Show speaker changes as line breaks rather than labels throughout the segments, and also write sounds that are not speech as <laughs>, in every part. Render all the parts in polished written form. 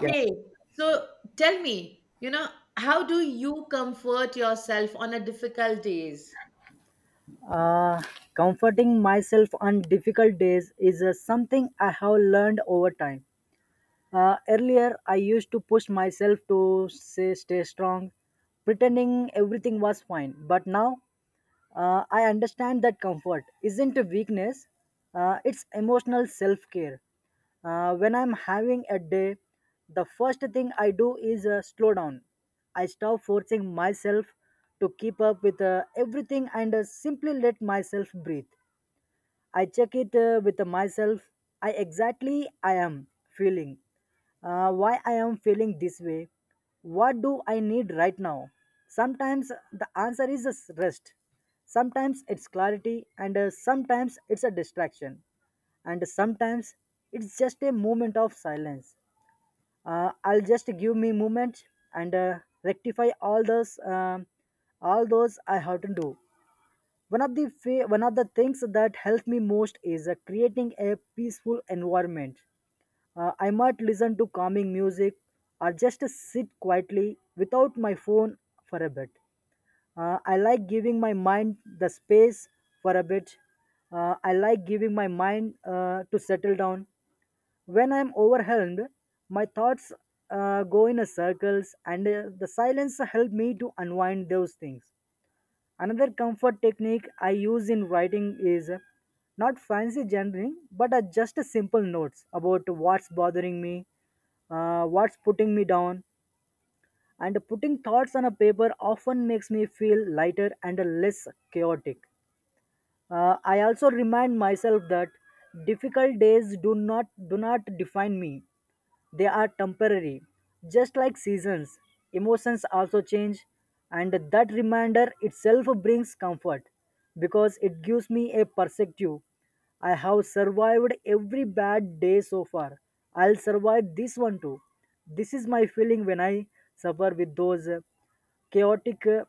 Yeah.
So tell me, how do you comfort yourself on a difficult days?
Uh, Comforting myself on difficult days is something I have learned over time. Earlier, I used to push myself to say, stay strong, pretending everything was fine. But now, I understand that comfort isn't a weakness, it's emotional self care. When I'm having a day, the first thing I do is slow down. I stop forcing myself to keep up with everything and simply let myself breathe. I check it with myself. I exactly I am feeling. Why I am feeling this way? What do I need right now? Sometimes the answer is just rest. Sometimes it's clarity, and sometimes it's a distraction, and sometimes it's just a moment of silence. I'll just give me moment and rectify all those I have to do. One of the things that helps me most is creating a peaceful environment. I might listen to calming music or just sit quietly without my phone for a bit. I like giving my mind the space for a bit. I like giving my mind to settle down when I'm overwhelmed. My thoughts go in a circles and the silence help me to unwind those things. Another comfort technique I use in writing is not fancy journaling, but just a simple notes about what's bothering me, what's putting me down, and putting thoughts on a paper often makes me feel lighter and less chaotic. I also remind myself that difficult days do not define me. They are temporary, just like seasons. Emotions also change, and that reminder itself brings comfort because it gives me a perspective. I have survived every bad day so far. I'll survive this one too. This is my feeling when I suffer with those chaotic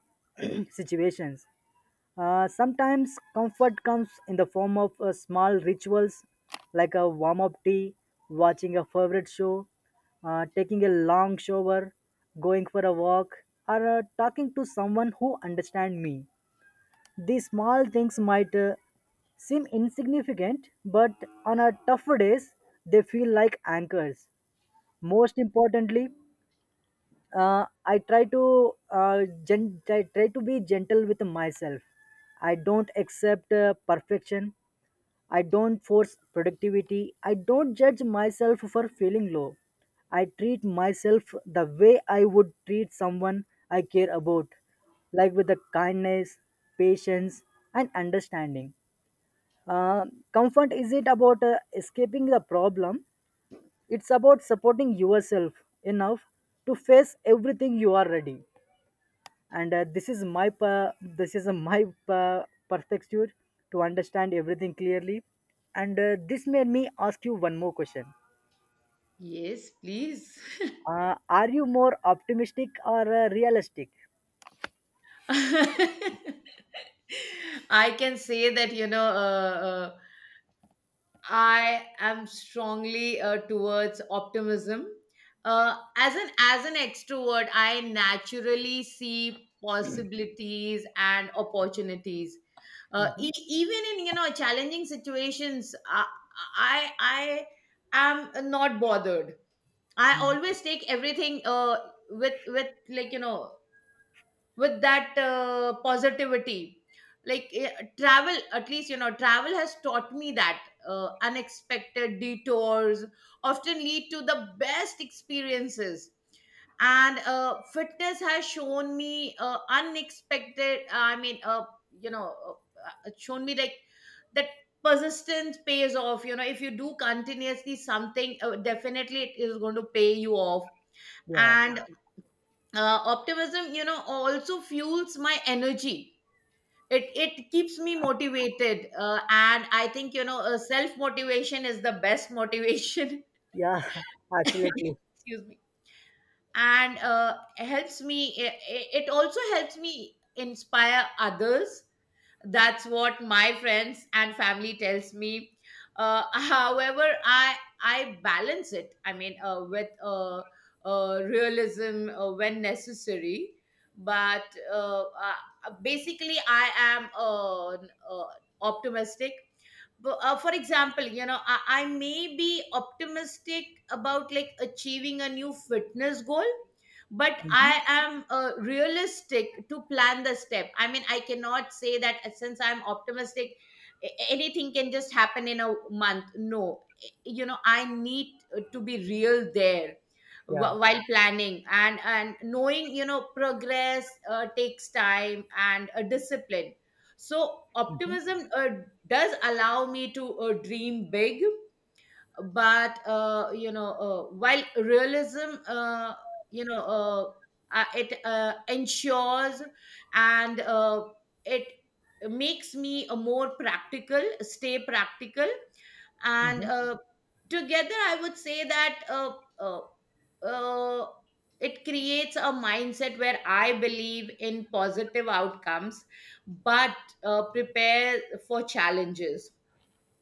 <clears throat> situations. Sometimes comfort comes in the form of small rituals like a warm up tea, watching a favorite show, taking a long shower, going for a walk, or talking to someone who understands me. These small things might seem insignificant, but on our tougher days, they feel like anchors. Most importantly, I try to be gentle with myself. I don't accept perfection. I don't force productivity. I don't judge myself for feeling low. I treat myself the way I would treat someone I care about, like with the kindness, patience, and understanding. Uh, Comfort isn't about escaping the problem. It's about supporting yourself enough to face everything you are ready, and this is a my per- perspective to understand everything clearly. And this made me ask you one more question.
Yes, please. <laughs>
Are you more optimistic or realistic?
I can say that, uh, I am strongly towards optimism. As an extrovert, I naturally see possibilities and opportunities. uh,
Mm-hmm.
e- even in challenging situations i, I am not bothered. I
Hmm.
always take everything with with that positivity. like eh, Travel, at least, travel has taught me that unexpected detours often lead to the best experiences, and fitness has shown me unexpected I mean you know shown me that persistence pays off. If you do continuously something, definitely it is going to pay you off.
Yeah,
And optimism, also fuels my energy. It keeps me motivated, and I think, self motivation is the best motivation.
yeah. <laughs>
<laughs>
Absolutely.
Excuse me. And it also helps me inspire others. That's what my friends and family tells me. <laughs> However, I balance it, I mean, with realism, when necessary. But basically I am optimistic. But, for example, I may be optimistic about achieving a new fitness goal, but I am realistic to plan the step. I mean, I cannot say that, since I'm optimistic, anything can just happen in a month. No, you know, I need to be real there
Yeah.
while planning, and knowing, progress takes time and a discipline. So optimism does allow me to dream big, but, while realism, you know it ensures, and it makes me a more practical stay practical. And
Mm-hmm.
together, I would say that uh, it creates a mindset where I believe in positive outcomes but prepare for challenges.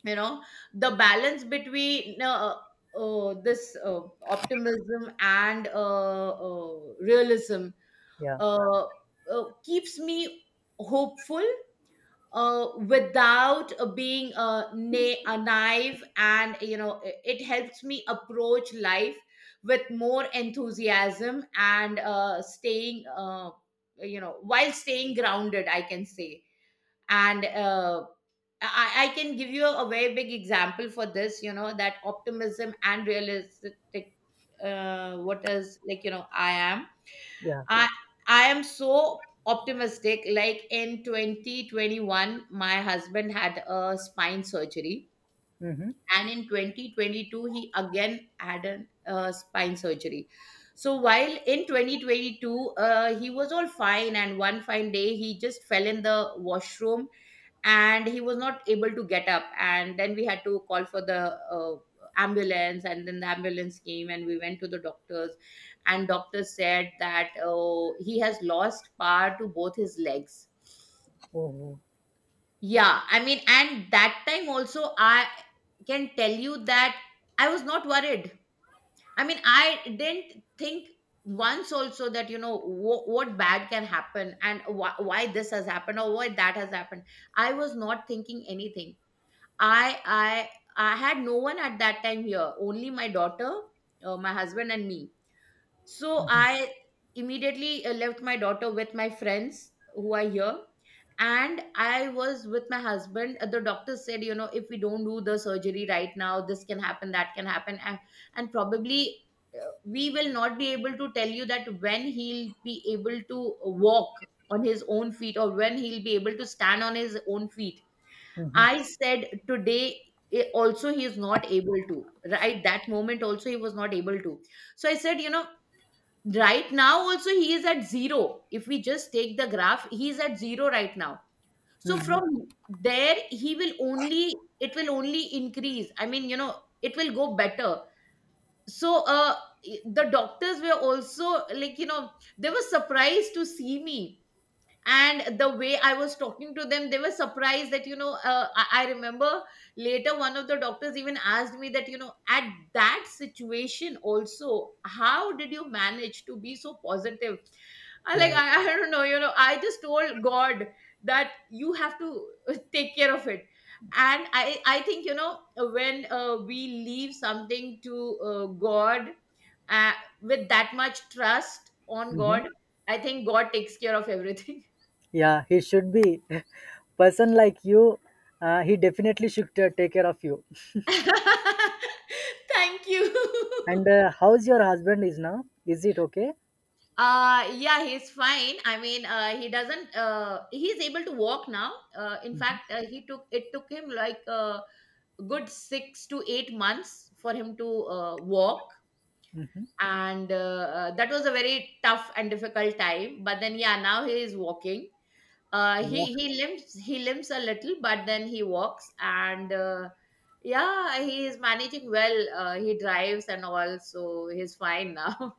you know the balance between this optimism and realism
Yeah,
uh, keeps me hopeful, without being na- a naive. And it helps me approach life with more enthusiasm and staying you know while staying grounded, I can say. And I can give you a very big example for this, you know, that optimism and realistic, what is like, you know. I am
yeah.
I I am so optimistic. Like in 2021, my husband had a spine surgery,
Mm-hmm.
and in 2022, he again had a spine surgery. So while in 2022, he was all fine, and one fine day he just fell in the washroom and he was not able to get up, and then we had to call for the ambulance, and then the ambulance came and we went to the doctors, and doctor said that, "Oh, he has lost power to both his legs."
Oh,
Yeah, I mean, and that time also, I can tell you that I was not worried. I mean, I didn't think once also that, you know, what bad can happen, and why this has happened or why that has happened. I was not thinking anything. I I I had no one at that time here, only my daughter, my husband, and me. So I immediately left my daughter with my friends who are here, and I was with my husband. The doctor said, you know, if we don't do the surgery right now, this can happen, that can happen, and probably we will not be able to tell you that when he'll be able to walk on his own feet or when he'll be able to stand on his own feet. I said, today also he is not able to, right? That moment also he was not able to. So I said, you know, right now also he is at zero. If we just take the graph, he is at zero right now. So
mm-hmm.
from there, it will only increase. I mean, you know, it will go better. So the doctors were also like, you know, they were surprised to see me, and the way I was talking to them, they were surprised that, you know. I remember later one of the doctors even asked me that, you know, at that situation also, how did you manage to be so positive?
Yeah.
I don't know, you know. I just told God that you have to take care of it. And I think, you know, when we leave something to God, uh, with that much trust on
Mm-hmm.
God, I think God takes care of everything.
Yeah, he should be, <laughs> person like you, he definitely should take care of you.
<laughs> Thank
And
you. <laughs>
how's your husband is now, is it okay?
Yeah, he's fine. I mean, he doesn't he's able to walk now. In fact, he took, it took him like a good 6 to 8 months for him to walk. And that was a very tough and difficult time, but then yeah, now he is walking. uh
Yeah.
he he limps he limps a little but then he walks. And yeah, he is managing well. He drives and all, so he's fine now.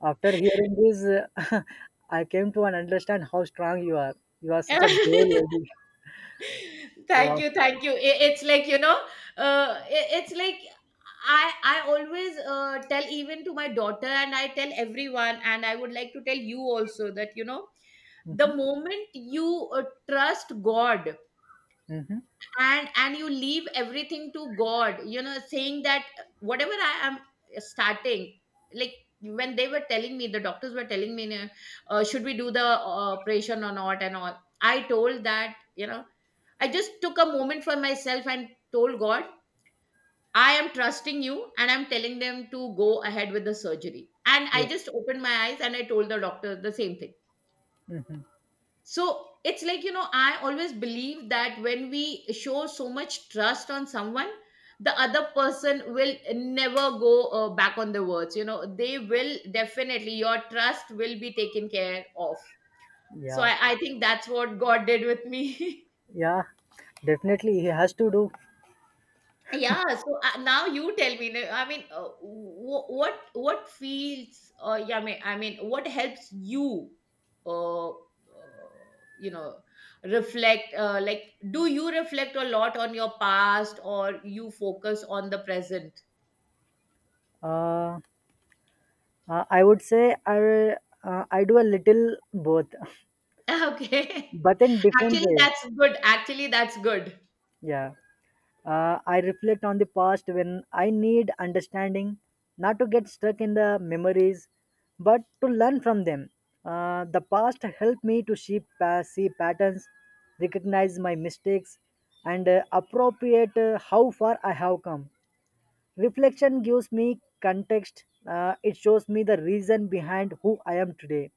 After hearing this, uh, <laughs> I came to an understand how strong you are. You are such a bold lady.
<laughs> Thank
Wow.
you, thank you. It's like, you know, it's like I always tell even to my daughter, and I tell everyone, and I would like to tell you also that, you know,
Mm-hmm.
the moment you trust God,
Mm-hmm.
and you leave everything to God, you know, saying that whatever I am starting, like when they were telling me, the doctors were telling me, "Nah, should we do the operation or not?" And all, I told that, you know, I just took a moment for myself and told God, "I am trusting you," and I'm telling them to go ahead with the surgery. And I
Yeah.
just opened my eyes and I told the doctor the same thing.
Mm-hmm.
So it's like, you know, I always believe that when we show so much trust on someone, the other person will never go back on the words. You know, they will definitely, your trust will be taken care of. So
Yeah.
I think that's what God did with me. <laughs>
Yeah. Definitely, he has to do.
Yeah, so now you tell me. No, I mean, what what feels? Yeah, I mean, what helps you? Uh, uh, you know, reflect. Like, do you reflect a lot on your past, or you focus on the present? <laughs>
Uh, I would say I do a little both, <laughs>
Okay,
but in different
actually,
ways.
that's good. Actually, that's good.
Yeah. I reflect on the past when I need understanding, not to get stuck in the memories, but to learn from them. The past helped me to see patterns, recognize my mistakes, and appropriate how far I have come. Reflection gives me context, it shows me the reason behind who I am today.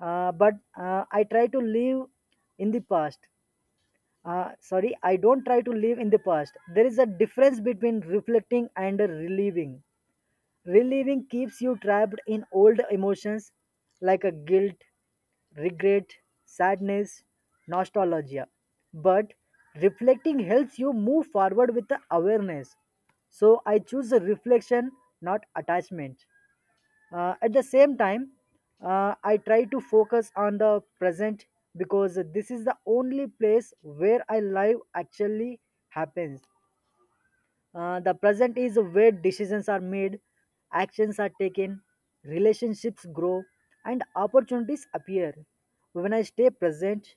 But I try to live in the past, sorry, I don't try to live in the past. There is a difference between reflecting and reliving. Reliving keeps you trapped in old emotions like a guilt, regret, sadness, nostalgia. But reflecting helps you move forward with the awareness. So I choose a reflection, not attachment. At the same time, I try to focus on the present because this is the only place where I live. Actually happens. The present is where decisions are made, actions are taken, relationships grow, and opportunities appear. When I stay present,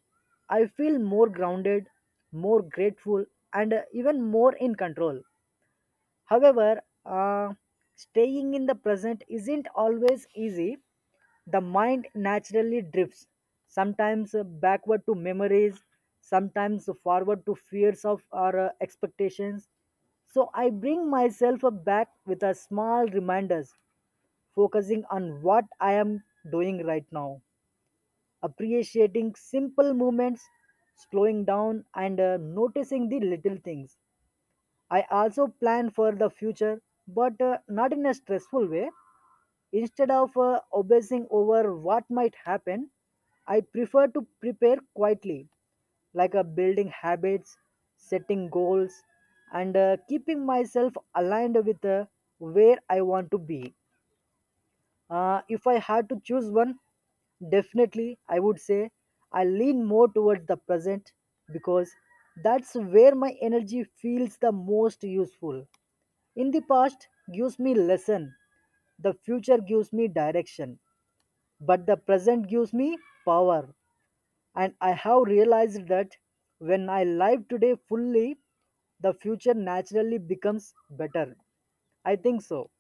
I feel more grounded, more grateful, and even more in control. However, staying in the present isn't always easy. The mind naturally drifts, sometimes backward to memories, sometimes forward to fears of our expectations. So I bring myself up back with a small reminders, focusing on what I am doing right now, appreciating simple moments, slowing down and noticing the little things. I also plan for the future, but not in a stressful way. Instead of obsessing over what might happen, I prefer to prepare quietly, like building habits, setting goals, and keeping myself aligned with where I want to be. If I had to choose one, definitely I would say I lean more towards the present because that's where my energy feels the most useful. In the past gives me lesson, the future gives me direction, but the present gives me power. And I have realized that when I live today fully, the future naturally becomes better. I think so.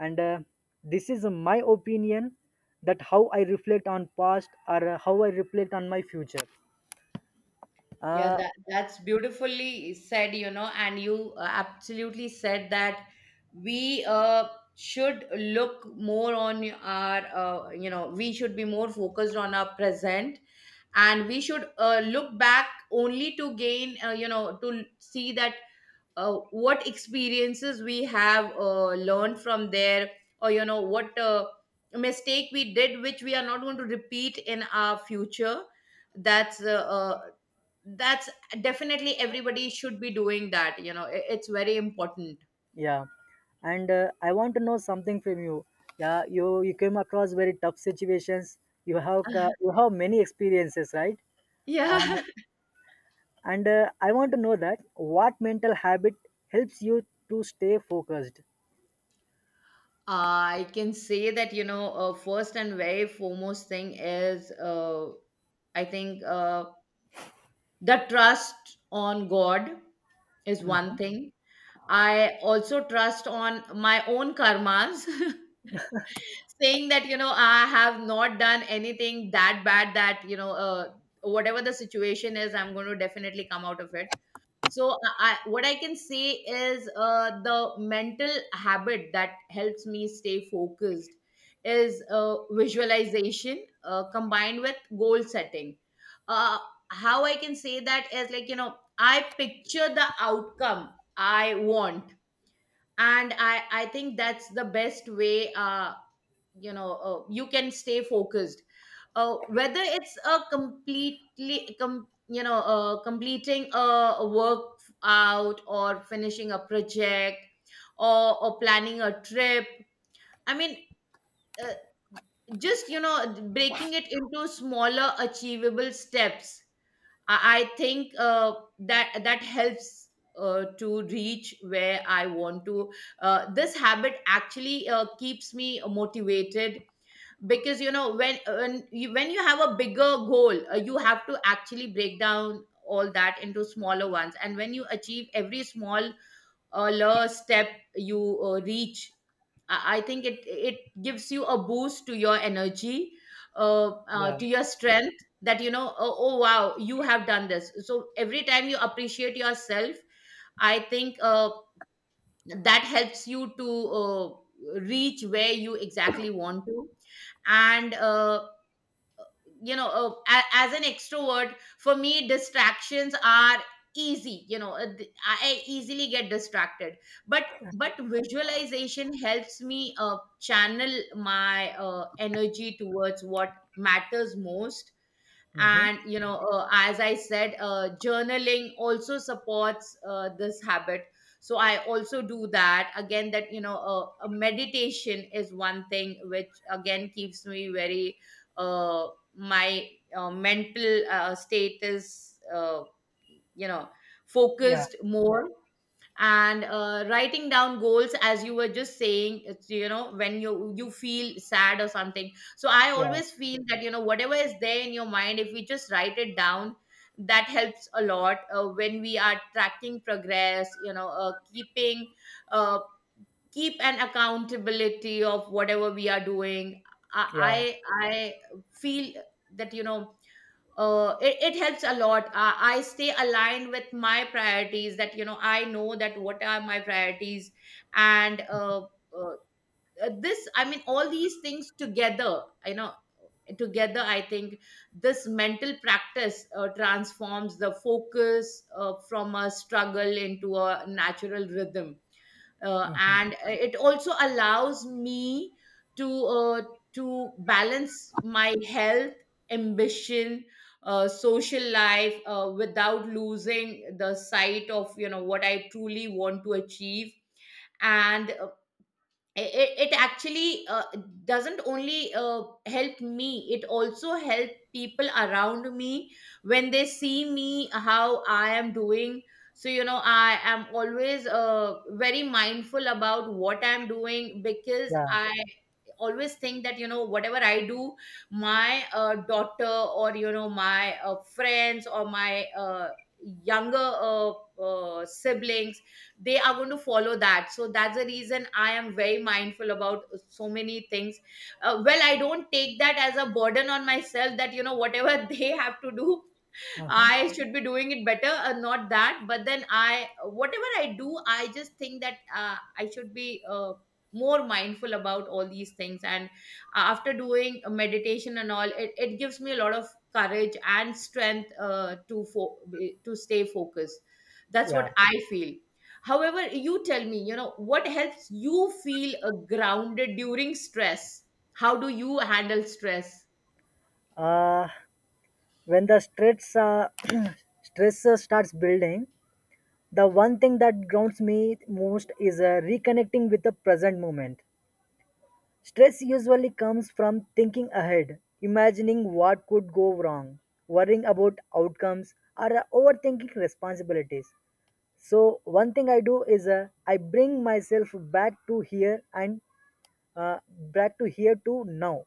And this is my opinion that how I reflect on past or how I reflect on my future.
Yeah,
Uh,
that that's beautifully said, you know. And you absolutely said that we should look more on our, you know, we should be more focused on our present, and we should look back only to gain, you know, to see that what experiences we have learned from there, or you know, what mistake we did, which we are not going to repeat in our future. That's that's definitely everybody should be doing that. You know, it's very important.
Yeah, and I want to know something from you. Yeah, you came across very tough situations. You have many experiences, right? Uh,
Yeah. <laughs>
and I want to know that what mental habit helps you to stay focused.
I can say that, you know, first and very foremost thing is, I think, the trust on God is one thing. I also trust on my own karmas. <laughs> Saying that, you know, I have not done anything that bad that, you know, whatever the situation is, I'm going to definitely come out of it. So I, what I can say is, the mental habit that helps me stay focused is visualization combined with goal setting. uh, how I can say that is, like, you know, I picture the outcome I want, and I think that's the best way, you know, you can stay focused, whether it's you know, completing a workout, or finishing a project, or planning a trip. I mean, uh, just, you know, breaking it into smaller achievable steps, I think that that helps to reach where I want to. This habit actually keeps me motivated, because, you know, when you have a bigger goal, you have to actually break down all that into smaller ones. And when you achieve every small lower step you reach, I think it gives you a boost to your energy,
Yeah.
to your strength, that, you know, "Oh, oh wow, you have done this." So every time you appreciate yourself, I think that helps you to reach where you exactly want to. And you know, as an extrovert, for me distractions are easy. You know, I easily get distracted, but visualization helps me channel my Energy towards what matters most.
Mm-hmm.
And as I said, journaling also supports this habit, so I also do that again. That you know a Meditation is one thing which again keeps me very uh, my mental state is, you know
Yeah.
focused more. And writing down goals, as you were just saying, it's, you know, when you feel sad or something, so I
Yeah.
always feel that, you know, whatever is there in your mind, if we just write it down, that helps a lot when we are tracking progress, you know, uh, keep an accountability of whatever we are doing. i
Yeah.
i, I feel that, you know, it helps a lot. I stay aligned with my priorities, that, you know, I know that what are my priorities. And uh, uh, I mean, all these things together, you know, together, I think this mental practice transforms the focus from a struggle into a natural rhythm,
Mhm.
and it also allows me to, to balance my health, ambition, social life, without losing the sight of, you know, what I truly want to achieve. And it actually, doesn't only help me, it also help people around me when they see me, how I am doing. So, you know, I am always very mindful about what I'm doing, because
Yeah.
I always think that, you know, whatever I do, my daughter, or, you know, my friends, or my younger siblings, they are going to follow that. So that's the reason I am very mindful about so many things. Uh, well, I don't take that as a burden on myself, that, you know, whatever <laughs> they have to do
Uh-huh.
I should be doing it better, not that. But then I, whatever I do, I just think that I should be more mindful about all these things. And after doing a meditation and all, it gives me a lot of courage and strength, to stay focused. That's
Yeah.
what I feel. However, you tell me, you know, what helps you feel grounded during stress? How do you handle stress?
Uh, when the stress <clears throat> stress starts building, the one thing that grounds me most is reconnecting with the present moment. Stress usually comes from thinking ahead, imagining what could go wrong, worrying about outcomes, or overthinking responsibilities. So, one thing I do is I bring myself back to here and back to here to now.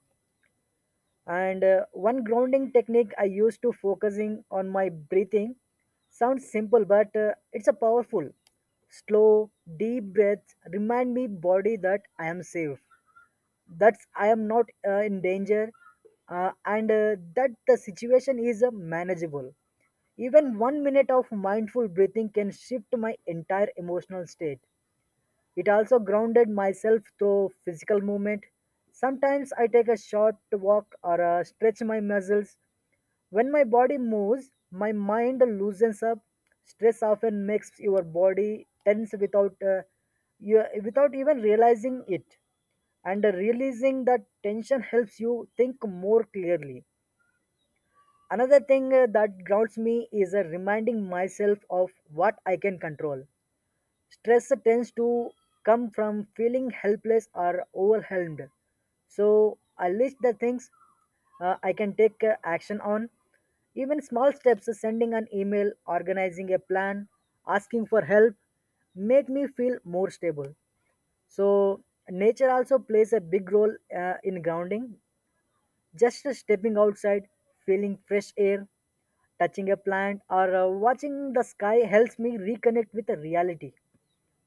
And one grounding technique I use to focusing on my breathing sounds simple, but it's a powerful. Slow deep breaths remind me body that I am safe, that's I am not in danger, and that the situation is manageable. Even 1 minute of mindful breathing can shift my entire emotional state. It also grounded myself through physical movement. Sometimes I take a short walk or stretch my muscles. When my body moves, my mind loosens up. Stress often makes your body tense without even realizing it, and releasing that tension helps you think more clearly. Another thing that grounds me is reminding myself of what I can control. Stress tends to come from feeling helpless or overwhelmed. So I list the things I can take action on. Even small steps, sending an email, organizing a plan, asking for help, make me feel more stable. So nature also plays a big role in grounding. Just stepping outside, feeling fresh air, touching a plant, or watching the sky helps me reconnect with the reality.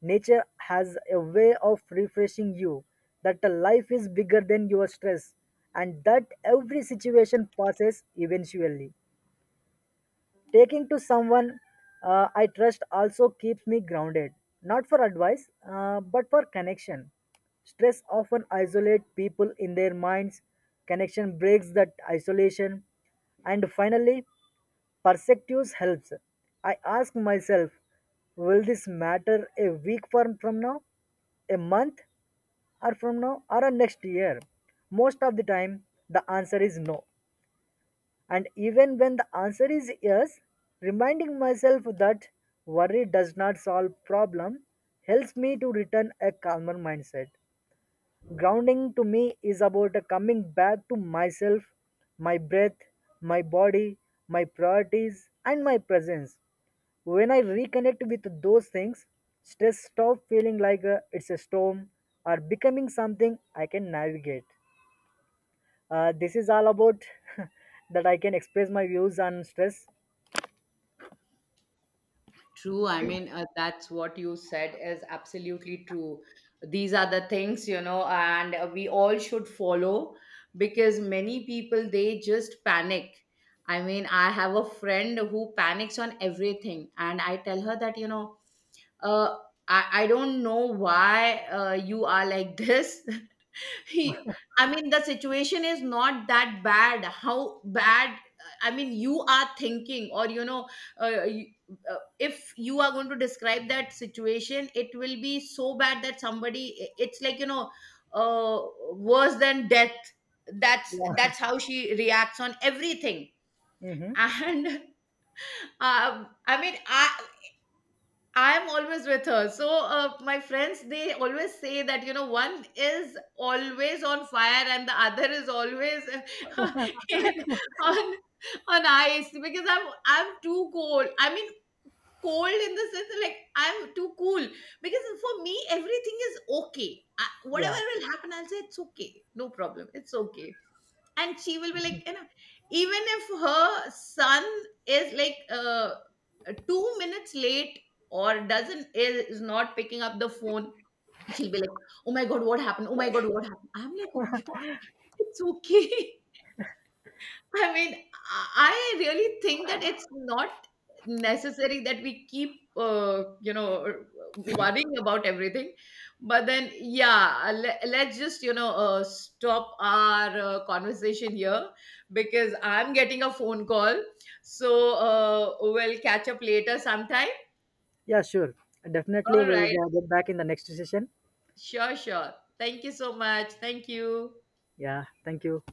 Nature has a way of refreshing you that the life is bigger than your stress and that every situation passes eventually. Taking to someone I trust also keeps me grounded, not for advice, but for connection. Stress often isolates people in their minds. Connection breaks that isolation. And finally, perspectives helps. I ask myself, will this matter a week from now, a month or from now, or a next year? Most of the time, the answer is no. And even when the answer is yes, reminding myself that worry does not solve problem helps me to return a calmer mindset. Grounding to me is about coming back to myself, my breath, my body, my priorities, and my presence. When I reconnect with those things, stress stops feeling like it's a storm or becoming something I can navigate. This is all about <laughs> that I can express my views on stress.
True. I mean, that's what you said is absolutely true. These are the things, you know, and we all should follow, because many people they just panic. I mean, I have a friend who panics on everything, and I tell her that, you know, uh, I don't know why you are like this, <laughs> he, I mean, the situation is not that bad. How bad, I mean, you are thinking? Or, you know, uh, you, if you are going to describe that situation, it will be so bad that somebody, it's like, you know, uh, worse than death. that's
Yeah,
that's how she reacts on everything.
hmm,
And <laughs> uh, i mean i I'm always with her. So my friends, they always say that, you know, one is always on fire and the other is always <laughs> in, on on ice, because I'm too cold. I mean, cold in the sense that, like, I'm too cool, because for me everything is okay. I, whatever
yeah.
will happen, I'll say it's okay, no problem, it's okay. And she will be like, you know, even if her son is like 2 minutes late, or doesn't is not picking up the phone, she'll be like, oh my god, what happened? Oh my god, what happened? I'm like, oh god, it's okay. <laughs> I mean, I really think that it's not necessary that we keep, you know, worrying about everything. But then, yeah, let's just, you know, stop our conversation here, because I'm getting a phone call. So we'll catch up later sometime.
Yeah, sure. Definitely,
All
we'll
right.
get back in the next session.
Sure, sure. Thank you so much. Thank you.
Yeah, thank you.